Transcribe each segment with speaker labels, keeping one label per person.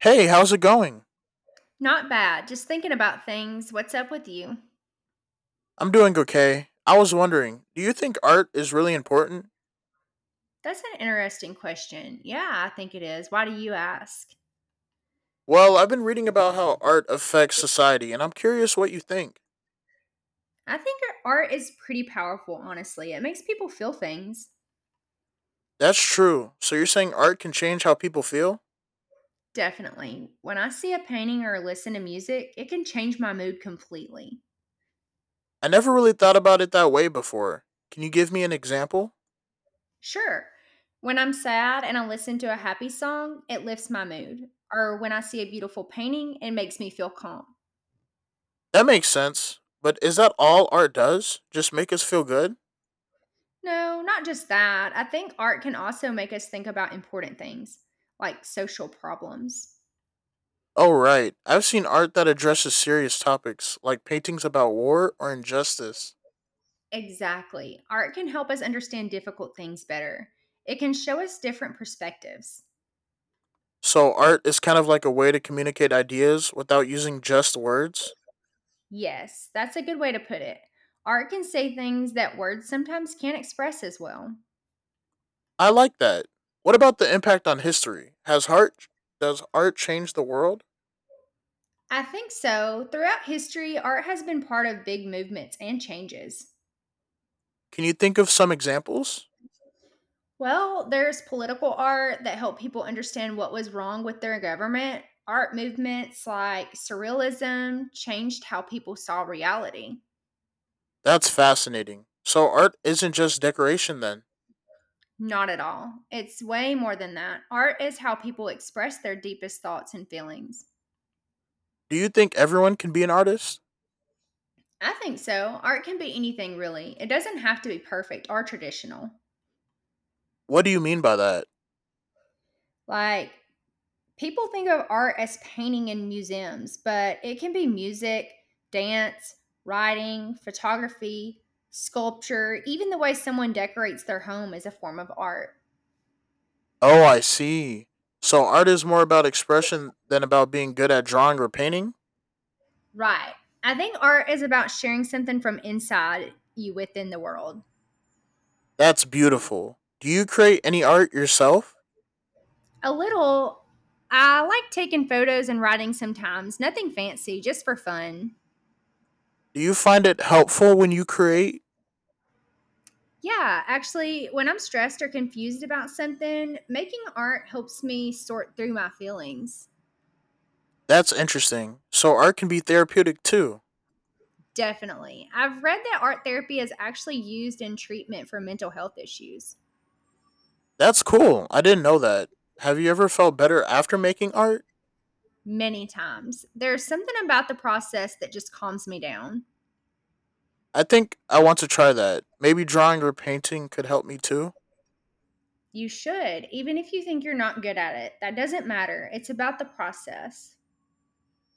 Speaker 1: Hey, how's it going?
Speaker 2: Not bad. Just thinking about things. What's up with you?
Speaker 1: I'm doing okay. I was wondering, do you think art is really important?
Speaker 2: That's an interesting question. Yeah, I think it is. Why do you ask?
Speaker 1: Well, I've been reading about how art affects society, and I'm curious what you think.
Speaker 2: I think art is pretty powerful, honestly. It makes people feel things.
Speaker 1: That's true. So you're saying art can change how people feel?
Speaker 2: Definitely. When I see a painting or listen to music, it can change my mood completely.
Speaker 1: I never really thought about it that way before. Can you give me an example?
Speaker 2: Sure. When I'm sad and I listen to a happy song, it lifts my mood. Or when I see a beautiful painting, it makes me feel calm.
Speaker 1: That makes sense. But is that all art does? Just make us feel good?
Speaker 2: No, not just that. I think art can also make us think about important things, like social problems.
Speaker 1: Oh, right. I've seen art that addresses serious topics, like paintings about war or injustice.
Speaker 2: Exactly. Art can help us understand difficult things better. It can show us different perspectives.
Speaker 1: So art is kind of like a way to communicate ideas without using just words.
Speaker 2: Yes, that's a good way to put it. Art can say things that words sometimes can't express as well.
Speaker 1: I like that. What about the impact on history? Has art Does art change the world?
Speaker 2: I think so. Throughout history, art has been part of big movements and changes.
Speaker 1: Can you think of some examples?
Speaker 2: Well, there's political art that helped people understand what was wrong with their government. Art movements like surrealism changed how people saw reality.
Speaker 1: That's fascinating. So art isn't just decoration then.
Speaker 2: Not at all. It's way more than that. Art is how people express their deepest thoughts and feelings.
Speaker 1: Do you think everyone can be an artist?
Speaker 2: I think so. Art can be anything, really. It doesn't have to be perfect or traditional.
Speaker 1: What do you mean by that?
Speaker 2: Like, People think of art as painting in museums, but it can be music, dance, writing, photography, sculpture, even the way someone decorates their home is a form of art.
Speaker 1: Oh, I see. So art is more about expression than about being good at drawing or painting?
Speaker 2: Right. I think art is about sharing something from inside you within the world.
Speaker 1: That's beautiful. Do you create any art yourself?
Speaker 2: A little, I like taking photos and writing sometimes, nothing fancy, just for fun.
Speaker 1: Do you find it helpful when you create?
Speaker 2: Yeah, actually, when I'm stressed or confused about something, making art helps me sort through my feelings.
Speaker 1: That's interesting. So art can be therapeutic too.
Speaker 2: Definitely. I've read that art therapy is actually used in treatment for mental health issues
Speaker 1: That's cool. I didn't know that. Have you ever felt better after making art?
Speaker 2: many times. There's something about the process that just calms me down.
Speaker 1: I think I want to try that. Maybe drawing or painting could help me too.
Speaker 2: You should, even if you think you're not good at it. That doesn't matter. It's about the process.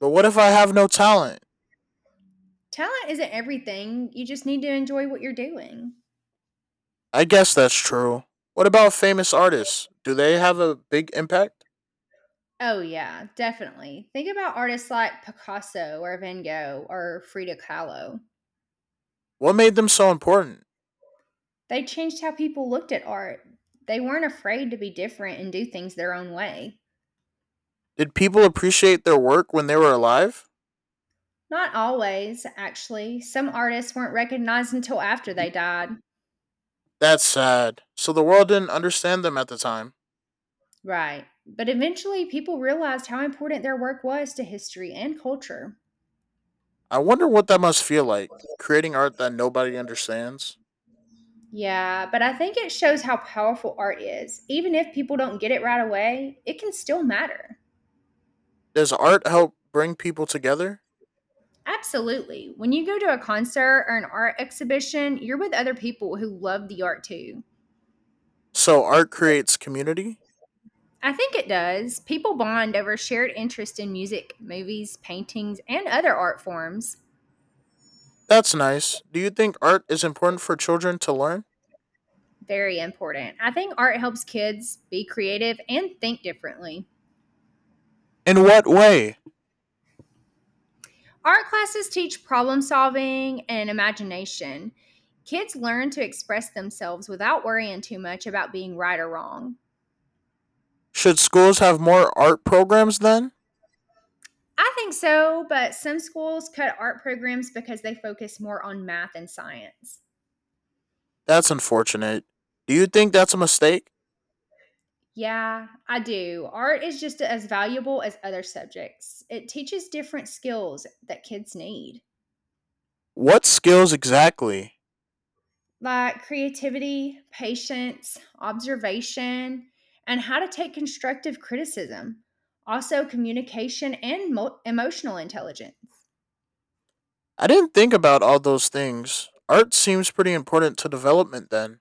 Speaker 1: But what if I have no talent?
Speaker 2: Talent isn't everything. You just need to enjoy what you're doing.
Speaker 1: I guess that's true. What about famous artists? Do they have a big impact?
Speaker 2: Oh, yeah, definitely. Think about artists like Picasso or Van Gogh or Frida Kahlo.
Speaker 1: What made them so important?
Speaker 2: They changed how people looked at art. They weren't afraid to be different and do things their own way.
Speaker 1: Did people appreciate their work when they were alive?
Speaker 2: Not always, actually. Some artists weren't recognized until after they died.
Speaker 1: That's sad. So the world didn't understand them at the time.
Speaker 2: Right. But eventually, people realized how important their work was to history and culture.
Speaker 1: I wonder what that must feel like, creating art that nobody understands.
Speaker 2: Yeah, but I think it shows how powerful art is. Even if people don't get it right away, it can still matter.
Speaker 1: Does art help bring people together?
Speaker 2: Absolutely. When you go to a concert or an art exhibition, you're with other people who love the art too.
Speaker 1: So art creates community?
Speaker 2: I think it does. People bond over shared interest in music, movies, paintings, and other art forms.
Speaker 1: That's nice. Do you think art is important for children to learn?
Speaker 2: Very important. I think art helps kids be creative and think differently.
Speaker 1: In what way?
Speaker 2: Art classes teach problem solving and imagination. Kids learn to express themselves without worrying too much about being right or wrong.
Speaker 1: Should schools have more art programs then?
Speaker 2: I think so, but some schools cut art programs because they focus more on math and science.
Speaker 1: That's unfortunate. Do you think that's a mistake?
Speaker 2: Yeah, I do. Art is just as valuable as other subjects. It teaches different skills that kids need.
Speaker 1: What skills exactly?
Speaker 2: Like creativity, patience, observation, and how to take constructive criticism. Also, communication and emotional intelligence
Speaker 1: I didn't think about all those things. Art seems pretty important to development then.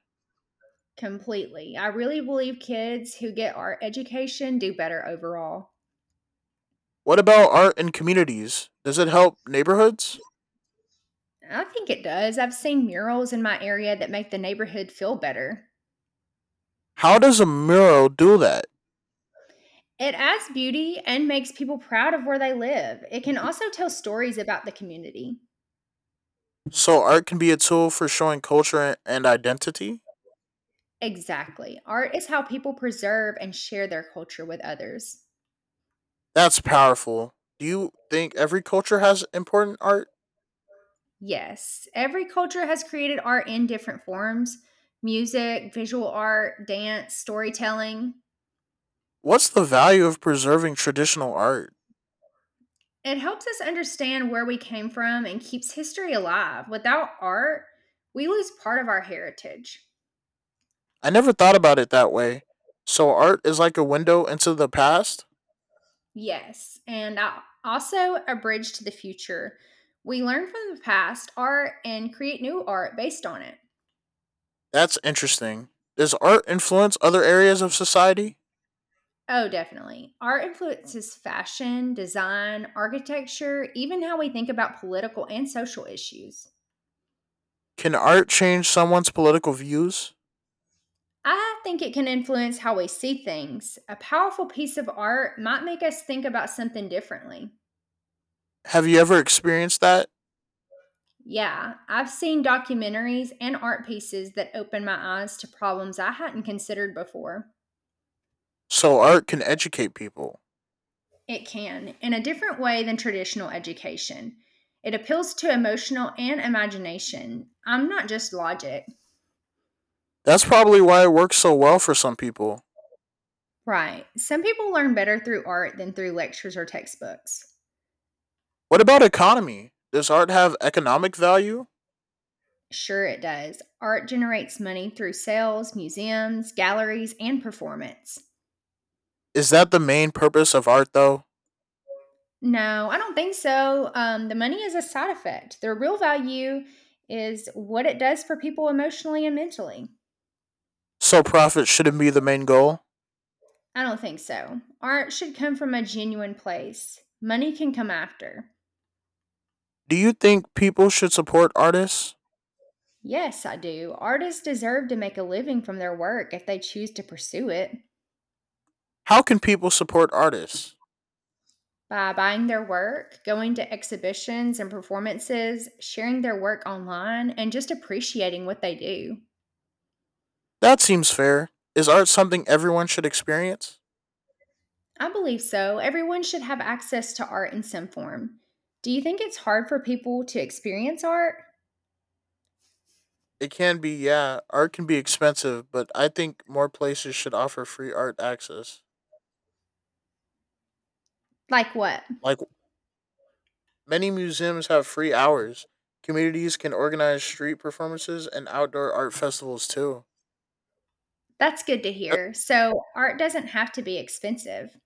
Speaker 2: completely. I really believe kids who get art education do better overall.
Speaker 1: What about art in communities? Does it help neighborhoods?
Speaker 2: I think it does. I've seen murals in my area that make the neighborhood feel better.
Speaker 1: How does a mural do that?
Speaker 2: It adds beauty and makes people proud of where they live. It can also tell stories about the community.
Speaker 1: So art can be a tool for showing culture and identity?
Speaker 2: Exactly. Art is how people preserve and share their culture with others.
Speaker 1: That's powerful. Do you think every culture has important art?
Speaker 2: Yes. Every culture has created art in different forms: music, visual art, dance, storytelling.
Speaker 1: What's the value of preserving traditional art?
Speaker 2: It helps us understand where we came from and keeps history alive. Without art, we lose part of our heritage.
Speaker 1: I never thought about it that way. So art is like a window into the past?
Speaker 2: Yes. Also a bridge to the future. We learn from the past art and create new art based on it.
Speaker 1: That's interesting. Does art influence other areas of society?
Speaker 2: Oh, definitely. Art influences fashion, design, architecture, even how we think about political and social issues.
Speaker 1: Can art change someone's political views?
Speaker 2: I think it can influence how we see things. A powerful piece of art might make us think about something differently.
Speaker 1: Have you ever experienced that?
Speaker 2: Yeah, I've seen documentaries and art pieces that open my eyes to problems I hadn't considered before.
Speaker 1: So art can educate people.
Speaker 2: It can, in a different way than traditional education. It appeals to emotional and imagination. I'm not just logic.
Speaker 1: That's probably why it works so well for some people.
Speaker 2: Right. Some people learn better through art than through lectures or textbooks.
Speaker 1: What about economy? Does art have economic value?
Speaker 2: Sure, it does. Art generates money through sales, museums, galleries, and performance.
Speaker 1: Is that the main purpose of art though?
Speaker 2: No, I don't think so. The money is a side effect. The real value is what it does for people emotionally and mentally.
Speaker 1: So profit shouldn't be the main goal?
Speaker 2: I don't think so. Art should come from a genuine place. Money can come after.
Speaker 1: Do you think people should support artists?
Speaker 2: Yes, I do. Artists deserve to make a living from their work if they choose to pursue it.
Speaker 1: How can people support artists?
Speaker 2: By buying their work, going to exhibitions and performances, sharing their work online, and just appreciating what they do.
Speaker 1: That seems fair. Is art something everyone should experience?
Speaker 2: I believe so. Everyone should have access to art in some form. Do you think it's hard for people to experience art?
Speaker 1: It can be, yeah. Art can be expensive, but I think more places should offer free art access.
Speaker 2: Like what?
Speaker 1: Like many museums have free hours. Communities can organize street performances and outdoor art festivals too.
Speaker 2: That's good to
Speaker 1: Uh,
Speaker 2: hear. So, art doesn't have to be expensive.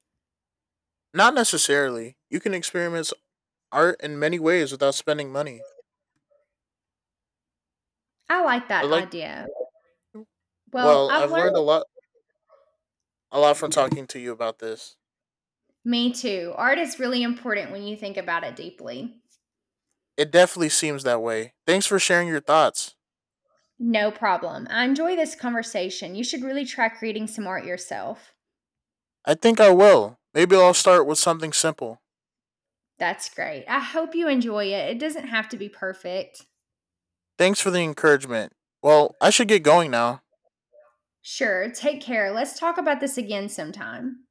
Speaker 1: Not necessarily. You can experience art in many ways without spending money.
Speaker 2: I like
Speaker 1: I
Speaker 2: that
Speaker 1: like
Speaker 2: idea. Well,
Speaker 1: Well,
Speaker 2: I've
Speaker 1: I've learned a
Speaker 2: learned.
Speaker 1: lot from talking to you about this.
Speaker 2: Me too. Art is really important when you think about it deeply.
Speaker 1: It definitely seems that way. Thanks for sharing your thoughts.
Speaker 2: No problem. I enjoy this conversation. You should really try creating some art yourself.
Speaker 1: I think I will. Maybe I'll start with something simple.
Speaker 2: That's great. I hope you enjoy it. It doesn't have to be perfect.
Speaker 1: Thanks for the encouragement. Well, I should get going now.
Speaker 2: Sure. Take care. Let's talk about this again sometime.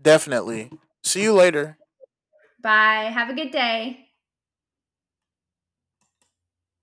Speaker 1: Definitely. See you later.
Speaker 2: Bye. Have a good day.